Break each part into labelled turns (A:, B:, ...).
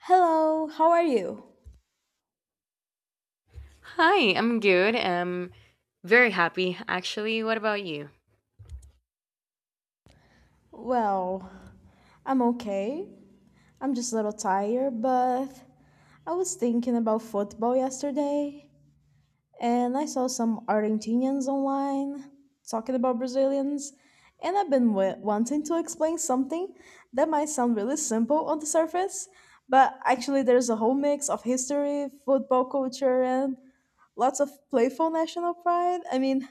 A: Hello, how are you?
B: Hi, I'm good. I'm very happy, actually. What about you?
A: Well, I'm okay. I'm just a little tired, but I was thinking about football yesterday and I saw some Argentinians online talking about Brazilians, and I've been wanting to explain something that might sound really simple on the surface, but actually, there's a whole mix of history, football culture, and lots of playful national pride. I mean,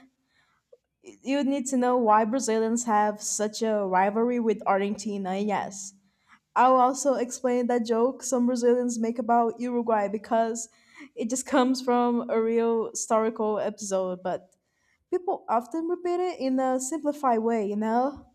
A: you need to know why Brazilians have such a rivalry with Argentina. Yes. I'll also explain that joke some Brazilians make about Uruguay because it just comes from a real historical episode, but people often repeat it in a simplified way,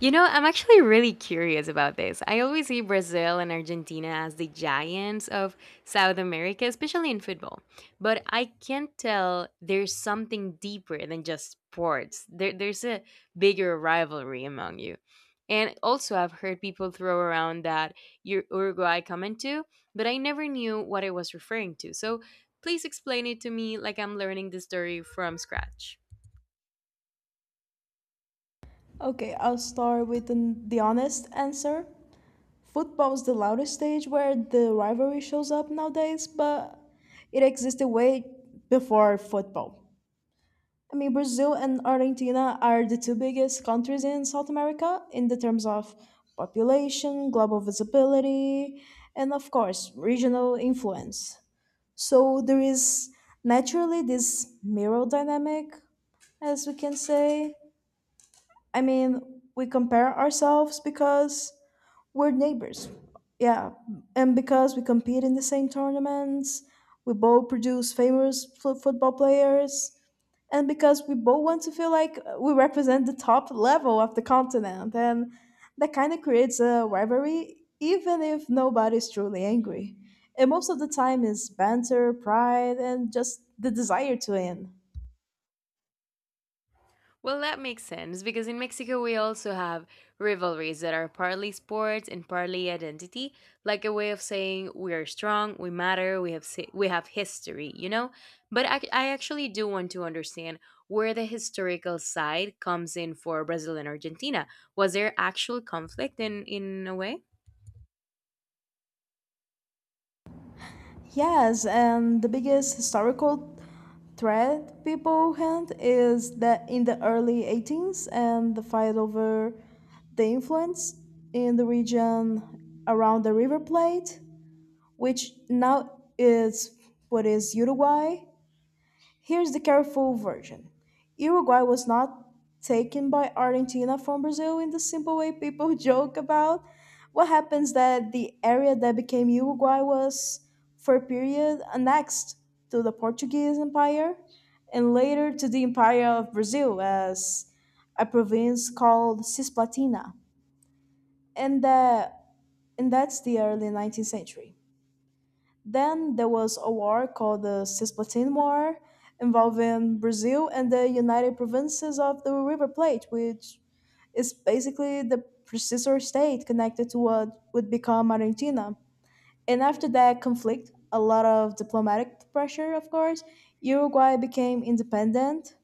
B: You know, I'm actually really curious about this. I always see Brazil and Argentina as the giants of South America, especially in football. But I can't tell there's something deeper than just sports. There's a bigger rivalry among you. And also, I've heard people throw around that your Uruguay comment to, but I never knew what it was referring to. So please explain it to me like I'm learning the story from scratch.
A: Okay, I'll start with the honest answer. Football's the loudest stage where the rivalry shows up nowadays, but it existed way before football. I mean, Brazil and Argentina are the two biggest countries in South America in the terms of population, global visibility, and of course, regional influence. So there is naturally this mirror dynamic, as we can say. I mean, we compare ourselves because we're neighbors. Yeah, and because we compete in the same tournaments, we both produce famous football players and because we both want to feel like we represent the top level of the continent, and that kind of creates a rivalry even if nobody's truly angry, and most of the time is banter, pride, and just the desire to win.
B: Well, that makes sense because in Mexico we also have rivalries that are partly sports and partly identity, like a way of saying we are strong, we matter, we have history, you know. But I actually do want to understand where the historical side comes in for Brazil and Argentina. Was there actual conflict in a way?
A: Yes, and the biggest historical thread people hand is that in the early 18s and the fight over the influence in the region around the River Plate, which now is what is Uruguay. Here's the careful version. Uruguay was not taken by Argentina from Brazil in the simple way people joke about. What happens that the area that became Uruguay was, for a period, annexed to the Portuguese Empire and later to the Empire of Brazil as a province called Cisplatina. And, that, and that's the early 19th century. Then there was a war called the Cisplatin War involving Brazil and the United Provinces of the River Plate, which is basically the predecessor state connected to what would become Argentina. And after that conflict, a lot of diplomatic pressure, of course, Uruguay became independent,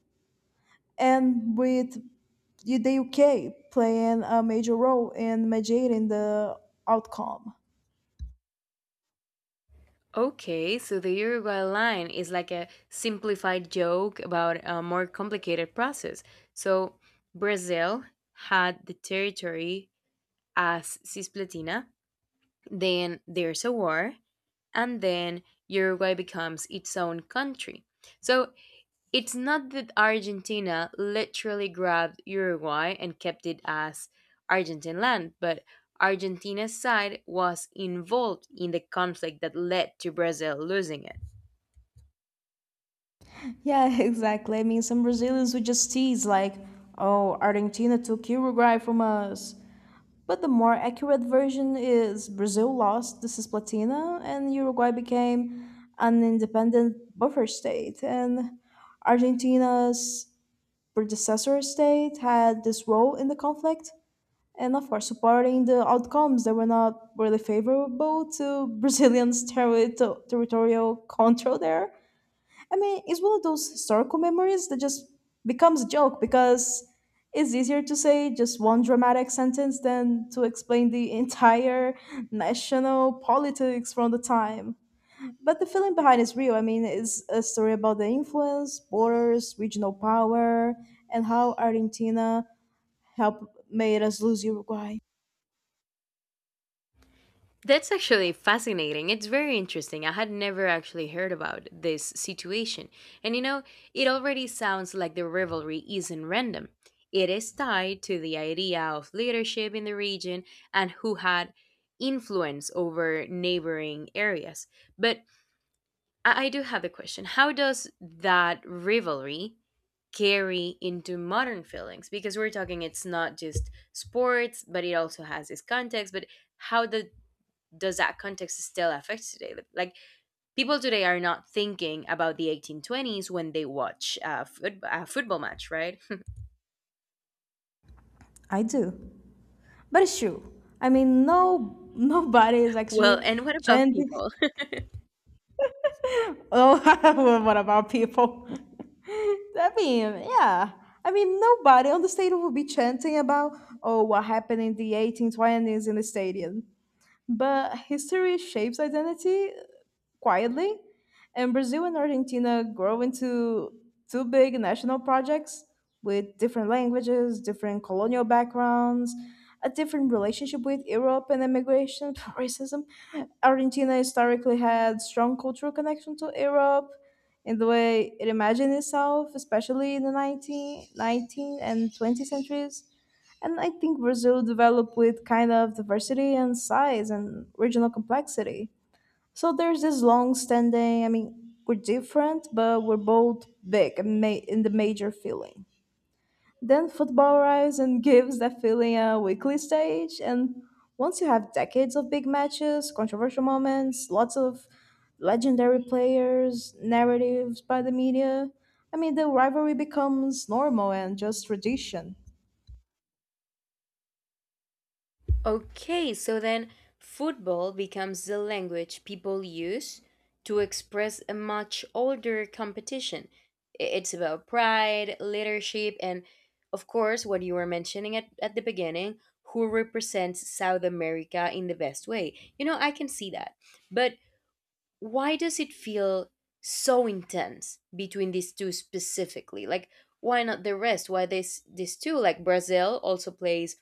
A: and with the UK playing a major role in mediating the outcome.
B: Okay, so the Uruguay line is like a simplified joke about a more complicated process. So Brazil had the territory as Cisplatina, then there's a war, and then Uruguay becomes its own country. So it's not that Argentina literally grabbed Uruguay and kept it as Argentine land, but Argentina's side was involved in the conflict that led to Brazil losing it.
A: Yeah, exactly. I mean, some Brazilians would just tease, like, oh, Argentina took Uruguay from us. But the more accurate version is Brazil lost the Cisplatina and Uruguay became an independent buffer state. And Argentina's predecessor state had this role in the conflict. And of course, supporting the outcomes that were not really favorable to Brazilians' territorial control there. I mean, it's one of those historical memories that just becomes a joke because it's easier to say just one dramatic sentence than to explain the entire national politics from the time. But the feeling behind is real. I mean, it's a story about the influence, borders, regional power, and how Argentina helped made us lose Uruguay.
B: That's actually fascinating. It's very interesting. I had never actually heard about this situation. And you know, it already sounds like the rivalry isn't random. It is tied to the idea of leadership in the region and who had influence over neighboring areas. But I do have a question. How does that rivalry carry into modern feelings? Because we're talking it's not just sports, but it also has this context. But how did does that context still affect today? Like people today are not thinking about the 1820s when they watch a football match, right?
A: I do. But it's true. I mean, no, nobody is
B: Well,
A: actually
B: and what about
A: chanting.
B: people?
A: Oh, what about people? I mean, yeah. I mean, nobody on the stadium will be chanting about, oh, what happened in the 1820s in the stadium. But history shapes identity, quietly, and Brazil and Argentina grow into two big national projects with different languages, different colonial backgrounds, a different relationship with Europe and immigration, racism. Argentina historically had strong cultural connection to Europe in the way it imagined itself, especially in the 19 and 20th centuries. And I think Brazil developed with kind of diversity and size and regional complexity. So there's this long standing, I mean, we're different, but we're both big and in the major feeling. Then football arrives and gives that feeling a weekly stage. And once you have decades of big matches, controversial moments, lots of legendary players, narratives by the media, I mean, the rivalry becomes normal and just tradition
B: Okay, so then football becomes the language people use to express a much older competition. I- It's about pride, leadership, and of course, what you were mentioning at the beginning, who represents South America in the best way. You know, I can see that. But why does it feel so intense between these two specifically? Like, why not the rest? Why this these two? Like Brazil also plays,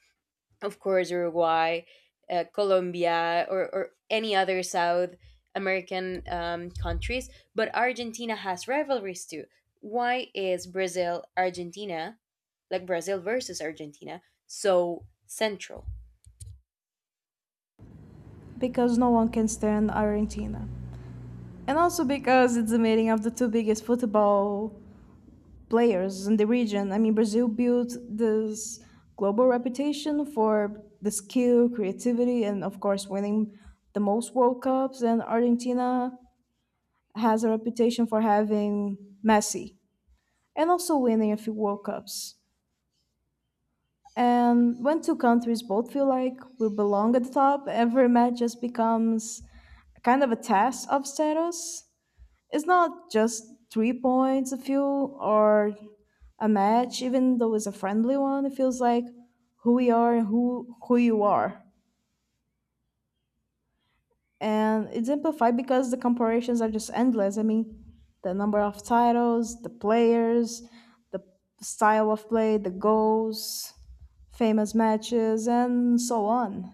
B: of course, Uruguay, Colombia, or any other South American countries, but Argentina has rivalries too. Why is Brazil versus Argentina, so central?
A: because no one can stand Argentina. And also because it's the meeting of the two biggest football players in the region. I mean, Brazil built this global reputation for the skill, creativity, and of course, winning the most World Cups. And Argentina has a reputation for having Messi and also winning a few World Cups. And when two countries both feel like we belong at the top, every match just becomes kind of a test of status. It's not just 3 points, a few, or a match, even though it's a friendly one, it feels like who we are and who you are. And it's amplified because the comparisons are just endless. I mean, the number of titles, the players, the style of play, the goals, famous matches, and so on.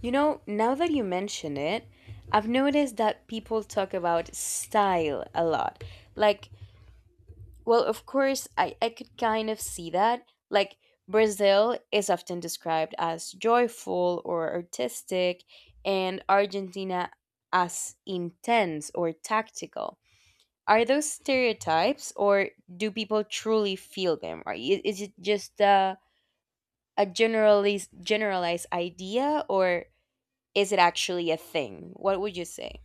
B: You know, now that you mention it, I've noticed that people talk about style a lot. Like, well, of course, I could kind of see that. Like, Brazil is often described as joyful or artistic, and Argentina as intense or tactical. Are those stereotypes, or do people truly feel them? Right? Is it just a generalized idea, or is it actually a thing? What would you say?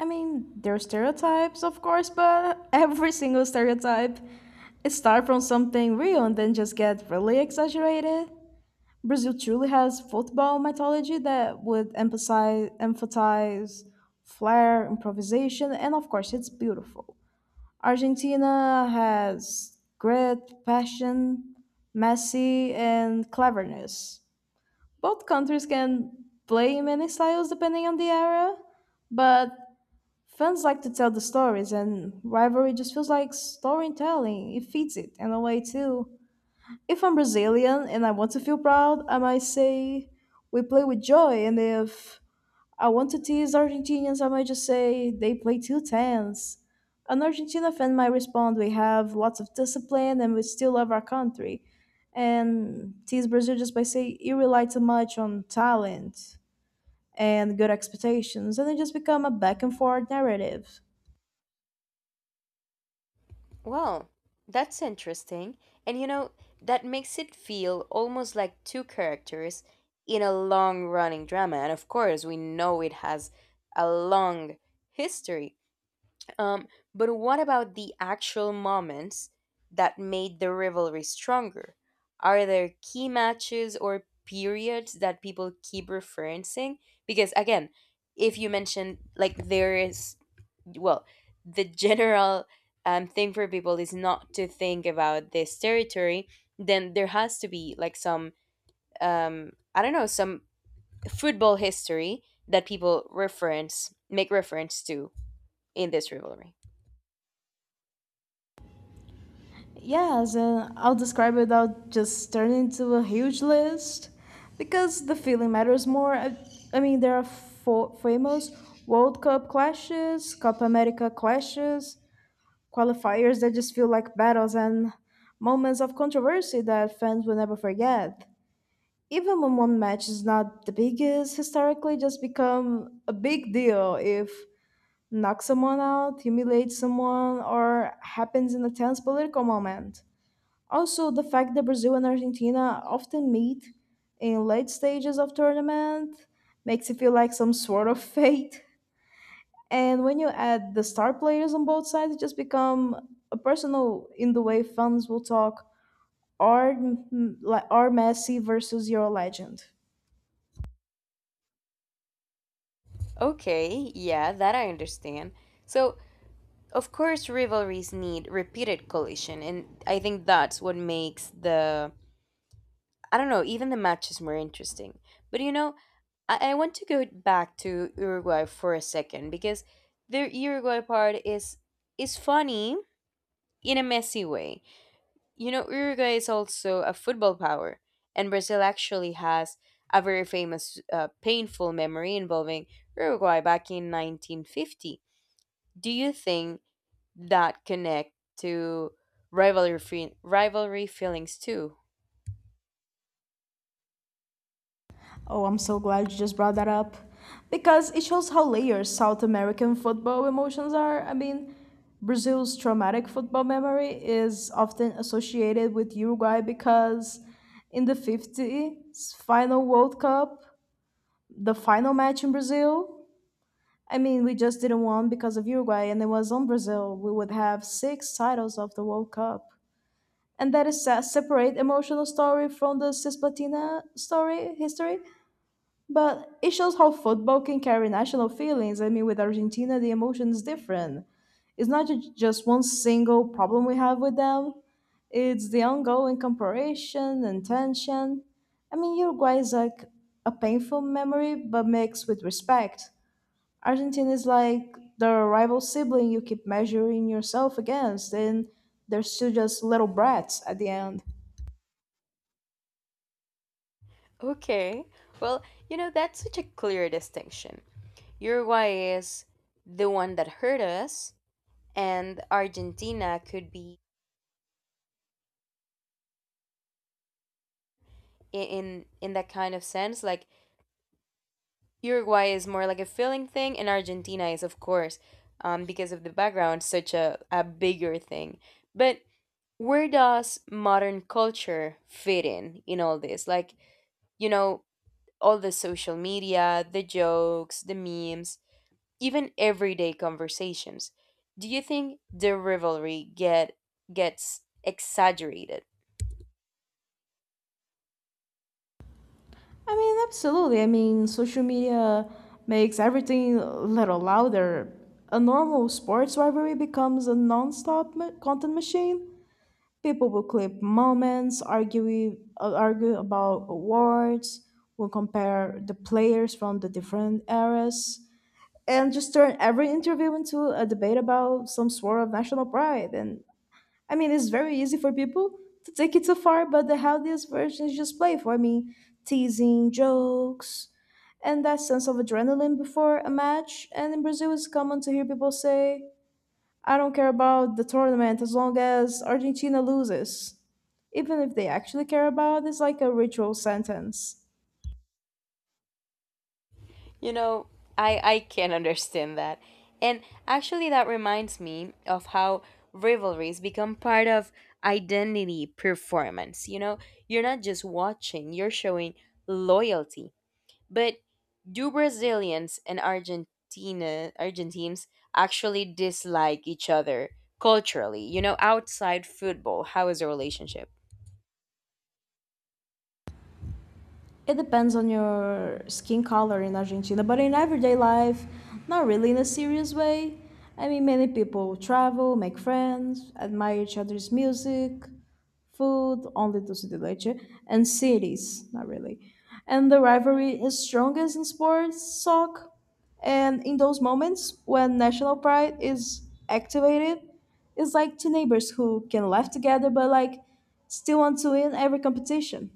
A: I mean, there are stereotypes, of course, but every single stereotype start from something real and then just get really exaggerated. Brazil truly has football mythology that would emphasize flair, improvisation, and of course it's beautiful. Argentina has grit, passion, Messi, and cleverness. Both countries can play in many styles depending on the era, but fans like to tell the stories, and rivalry just feels like storytelling. It feeds it in a way, too. If I'm Brazilian and I want to feel proud, I might say we play with joy. And if I want to tease Argentinians, I might just say they play too tense. An Argentina fan might respond, we have lots of discipline and we still love our country. And tease Brazil just by saying you rely too much on talent and good expectations. And it just become a back and forth narrative.
B: Well, that's interesting. And you know, that makes it feel almost like two characters in a long running drama. And of course, we know it has a long history. Um, but what about the actual moments that made the rivalry stronger? Are there key matches or periods that people keep referencing? Because again, if you mention like there is well the general thing for people is not to think about this territory, then there has to be like some I don't know, some football history that people reference make reference to in this rivalry.
A: Yes, and I'll describe it without just turning into a huge list because the feeling matters more. I mean, there are four famous World Cup clashes, Copa America clashes, qualifiers that just feel like battles, and moments of controversy that fans will never forget. Even when one match is not the biggest, historically just become a big deal if knocks someone out, humiliates someone, or happens in a tense political moment. Also, the fact that Brazil and Argentina often meet in late stages of tournament makes it feel like some sort of fate. And when you add the star players on both sides, it just become a personal in the way fans will talk. Our, like our Messi versus your legend.
B: Okay, yeah, that I understand. So of course rivalries need repeated collision, and I think that's what makes the, I don't know, even the matches more interesting. But you know, I want to go back to Uruguay for a second because the Uruguay part is funny in a messy way. You know, Uruguay is also a football power, and Brazil actually has a very famous, painful memory involving Uruguay back in 1950. Do you think that connect to rivalry feelings too?
A: Oh, I'm so glad you just brought that up. Because it shows how layered South American football emotions are. I mean, Brazil's traumatic football memory is often associated with Uruguay because in the 50s final World Cup, the final match in Brazil, I mean, we just didn't win because of Uruguay, and it was on Brazil. We would have six titles of the World Cup. And that is a separate emotional story from the Cisplatina story history, but it shows how football can carry national feelings. I mean, with Argentina, the emotion is different. It's not just one single problem we have with them, it's the ongoing comparison and tension. I mean, Uruguay is like a painful memory, but mixed with respect. Argentina is like the rival sibling you keep measuring yourself against, and they're still just little brats at the end.
B: Okay, well, you know that's such a clear distinction. Uruguay is the one that hurt us, and Argentina could be in that kind of sense. Like Uruguay is more like a feeling thing, and Argentina is, of course, because of the background, such a bigger thing. But where does modern culture fit in all this? Like you know, all the social media, the jokes, the memes, even everyday conversations. Do you think the rivalry gets exaggerated?
A: I mean, absolutely. I mean, social media makes everything a little louder. A normal sports rivalry becomes a non-stop content machine. People will clip moments, argue about awards, will compare the players from the different eras, and just turn every interview into a debate about some sort of national pride. And I mean, it's very easy for people to take it too far, but the healthiest version is just playful. I mean, teasing, jokes, and that sense of adrenaline before a match. And in Brazil, it's common to hear people say, I don't care about the tournament as long as Argentina loses. Even if they actually care about, it's like a ritual sentence.
B: You know, I can understand that. And actually that reminds me of how rivalries become part of identity performance. You know, you're not just watching, you're showing loyalty. But do Brazilians and Argentina Argentines actually dislike each other culturally? You know, outside football, how is the relationship?
A: It depends on your skin color in Argentina, but in everyday life, not really in a serious way. I mean, many people travel, make friends, admire each other's music, food, only to City Leche, and cities, not really. And the rivalry is strongest in sports, soccer, and in those moments when national pride is activated, it's like two neighbors who can laugh together but like still want to win every competition.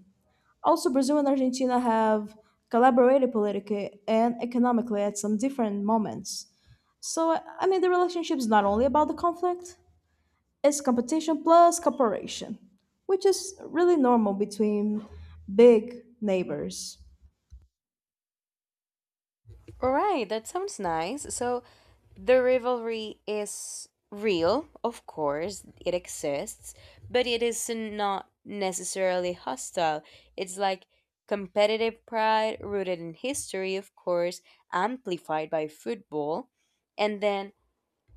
A: Also, Brazil and Argentina have collaborated politically and economically at some different moments. So, I mean, the relationship is not only about the conflict, it's competition plus cooperation, which is really normal between big neighbors.
B: All right, that sounds nice. So the rivalry is real, of course, it exists, but it is not necessarily hostile. It's like competitive pride rooted in history, of course, amplified by football. And then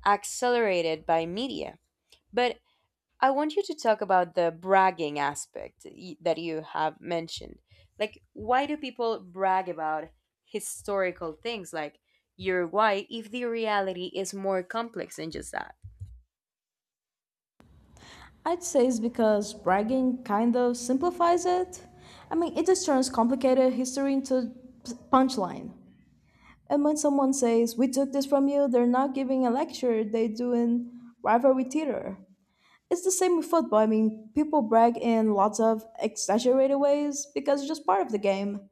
B: accelerated by media. But I want you to talk about the bragging aspect that you have mentioned. Like, why do people brag about historical things like you're white if the reality is more complex than just that?
A: I'd say it's because bragging kind of simplifies it. I mean, it just turns complicated history into punchline. And when someone says, we took this from you, they're not giving a lecture, they're doing rivalry theater. It's the same with football. I mean, people brag in lots of exaggerated ways because it's just part of the game.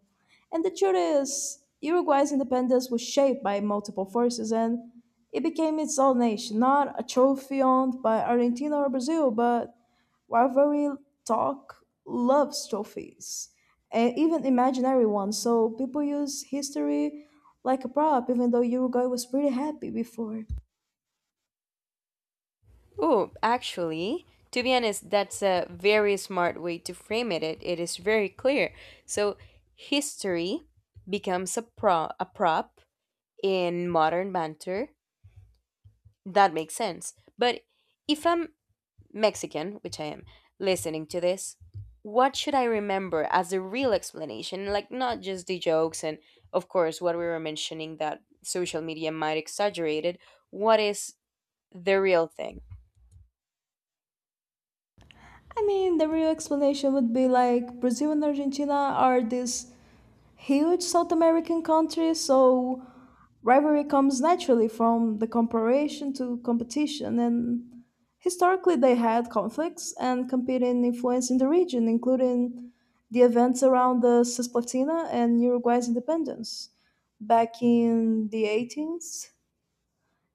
A: And the truth is, Uruguay's independence was shaped by multiple forces and it became its own nation, not a trophy owned by Argentina or Brazil, but rivalry talk loves trophies, and even imaginary ones. So people use history like a prop, even though Uruguay was pretty happy before.
B: Oh, actually, to be honest, that's a very smart way to frame it. It is very clear. So, history becomes a prop in modern banter. That makes sense. But if I'm Mexican, which I am, listening to this, what should I remember as the real explanation? Like, not just the jokes and, of course, what we were mentioning that social media might exaggerate it. What is the real thing?
A: I mean, the real explanation would be like Brazil and Argentina are these huge South American countries, so rivalry comes naturally from the comparison to competition. And historically, they had conflicts and competing influence in the region, including the events around the Cisplatina and Uruguay's independence back in the 18th,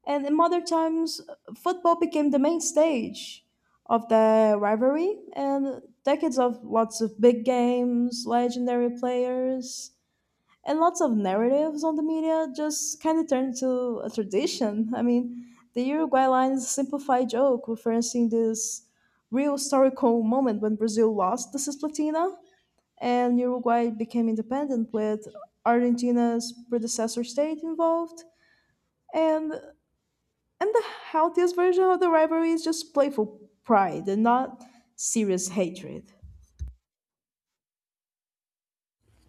A: and in modern times, football became the main stage of the rivalry, and decades of lots of big games, legendary players, and lots of narratives on the media just kind of turned into a tradition. I mean, the Uruguay line's simplified joke referencing this real historical moment when Brazil lost the Cisplatina and Uruguay became independent with Argentina's predecessor state involved. And and the healthiest version of the rivalry is just playful pride and not serious hatred.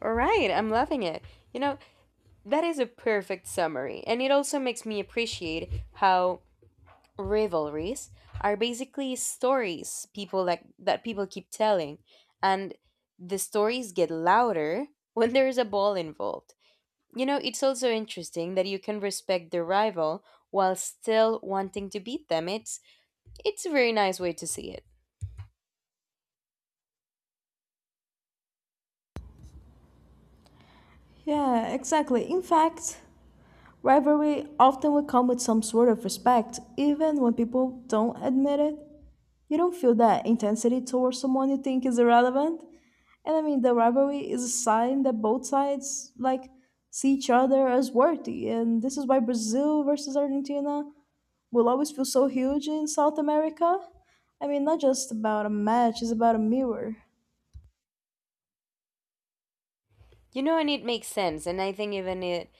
B: All right, I'm loving it. You know, that is a perfect summary. And it also makes me appreciate how rivalries are basically stories people like that people keep telling, and the stories get louder when there is a ball involved. You know, it's also interesting that you can respect the rival while still wanting to beat them. It's a very nice way to see it.
A: Yeah, exactly. In fact, rivalry often will come with some sort of respect, even when people don't admit it. You don't feel that intensity towards someone you think is irrelevant. And I mean, the rivalry is a sign that both sides like see each other as worthy, and this is why Brazil versus Argentina will always feel so huge in South America. I mean, not just about a match, it's about a mirror.
B: You know, and it makes sense. And I think even it,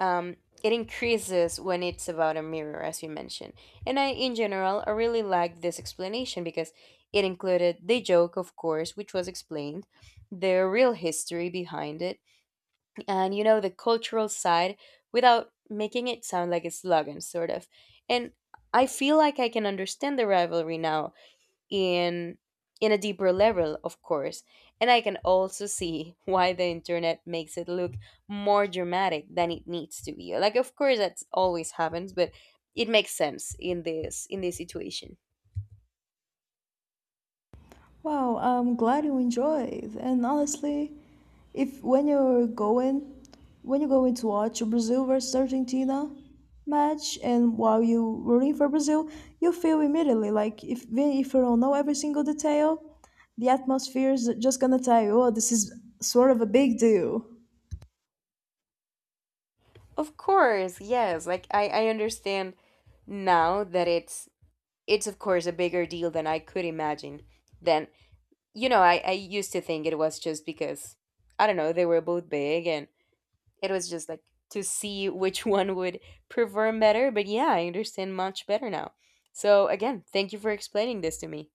B: um, it increases when it's about a mirror, as you mentioned. And I, in general, I really liked this explanation because it included the joke, of course, which was explained, the real history behind it, and you know the cultural side without making it sound like a slogan sort of. And I feel like I can understand the rivalry now in a deeper level, of course. And I can also see why the internet makes it look more dramatic than it needs to be, like of course that's always happens, but it makes sense in this situation.
A: Wow, I'm glad you enjoyed. And honestly, if when you're going, when you're going to watch Brazil versus Argentina match, and while you rooting for Brazil, you feel immediately like if even if you don't know every single detail, the atmosphere is just gonna tell you, oh, this is sort of a big deal.
B: Of course, yes, like I understand now that it's of course a bigger deal than I could imagine. Then you know, I used to think it was just because, I don't know, they were both big and it was just like to see which one would perform better. But yeah, I understand much better now. So again, thank you for explaining this to me.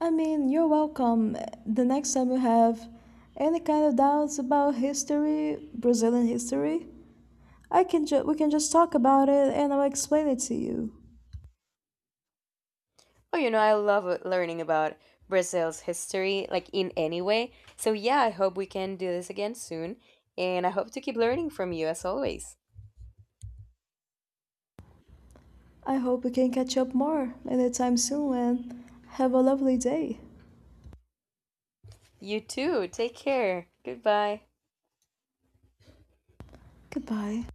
A: I mean, you're welcome. The next time you have any kind of doubts about history, Brazilian history, we can just talk about it and I'll explain it to you.
B: Oh, you know, I love learning about Brazil's history, like in any way. So yeah, I hope we can do this again soon. And I hope to keep learning from you as always.
A: I hope we can catch up more anytime soon and have a lovely day.
B: You too. Take care. Goodbye.
A: Goodbye.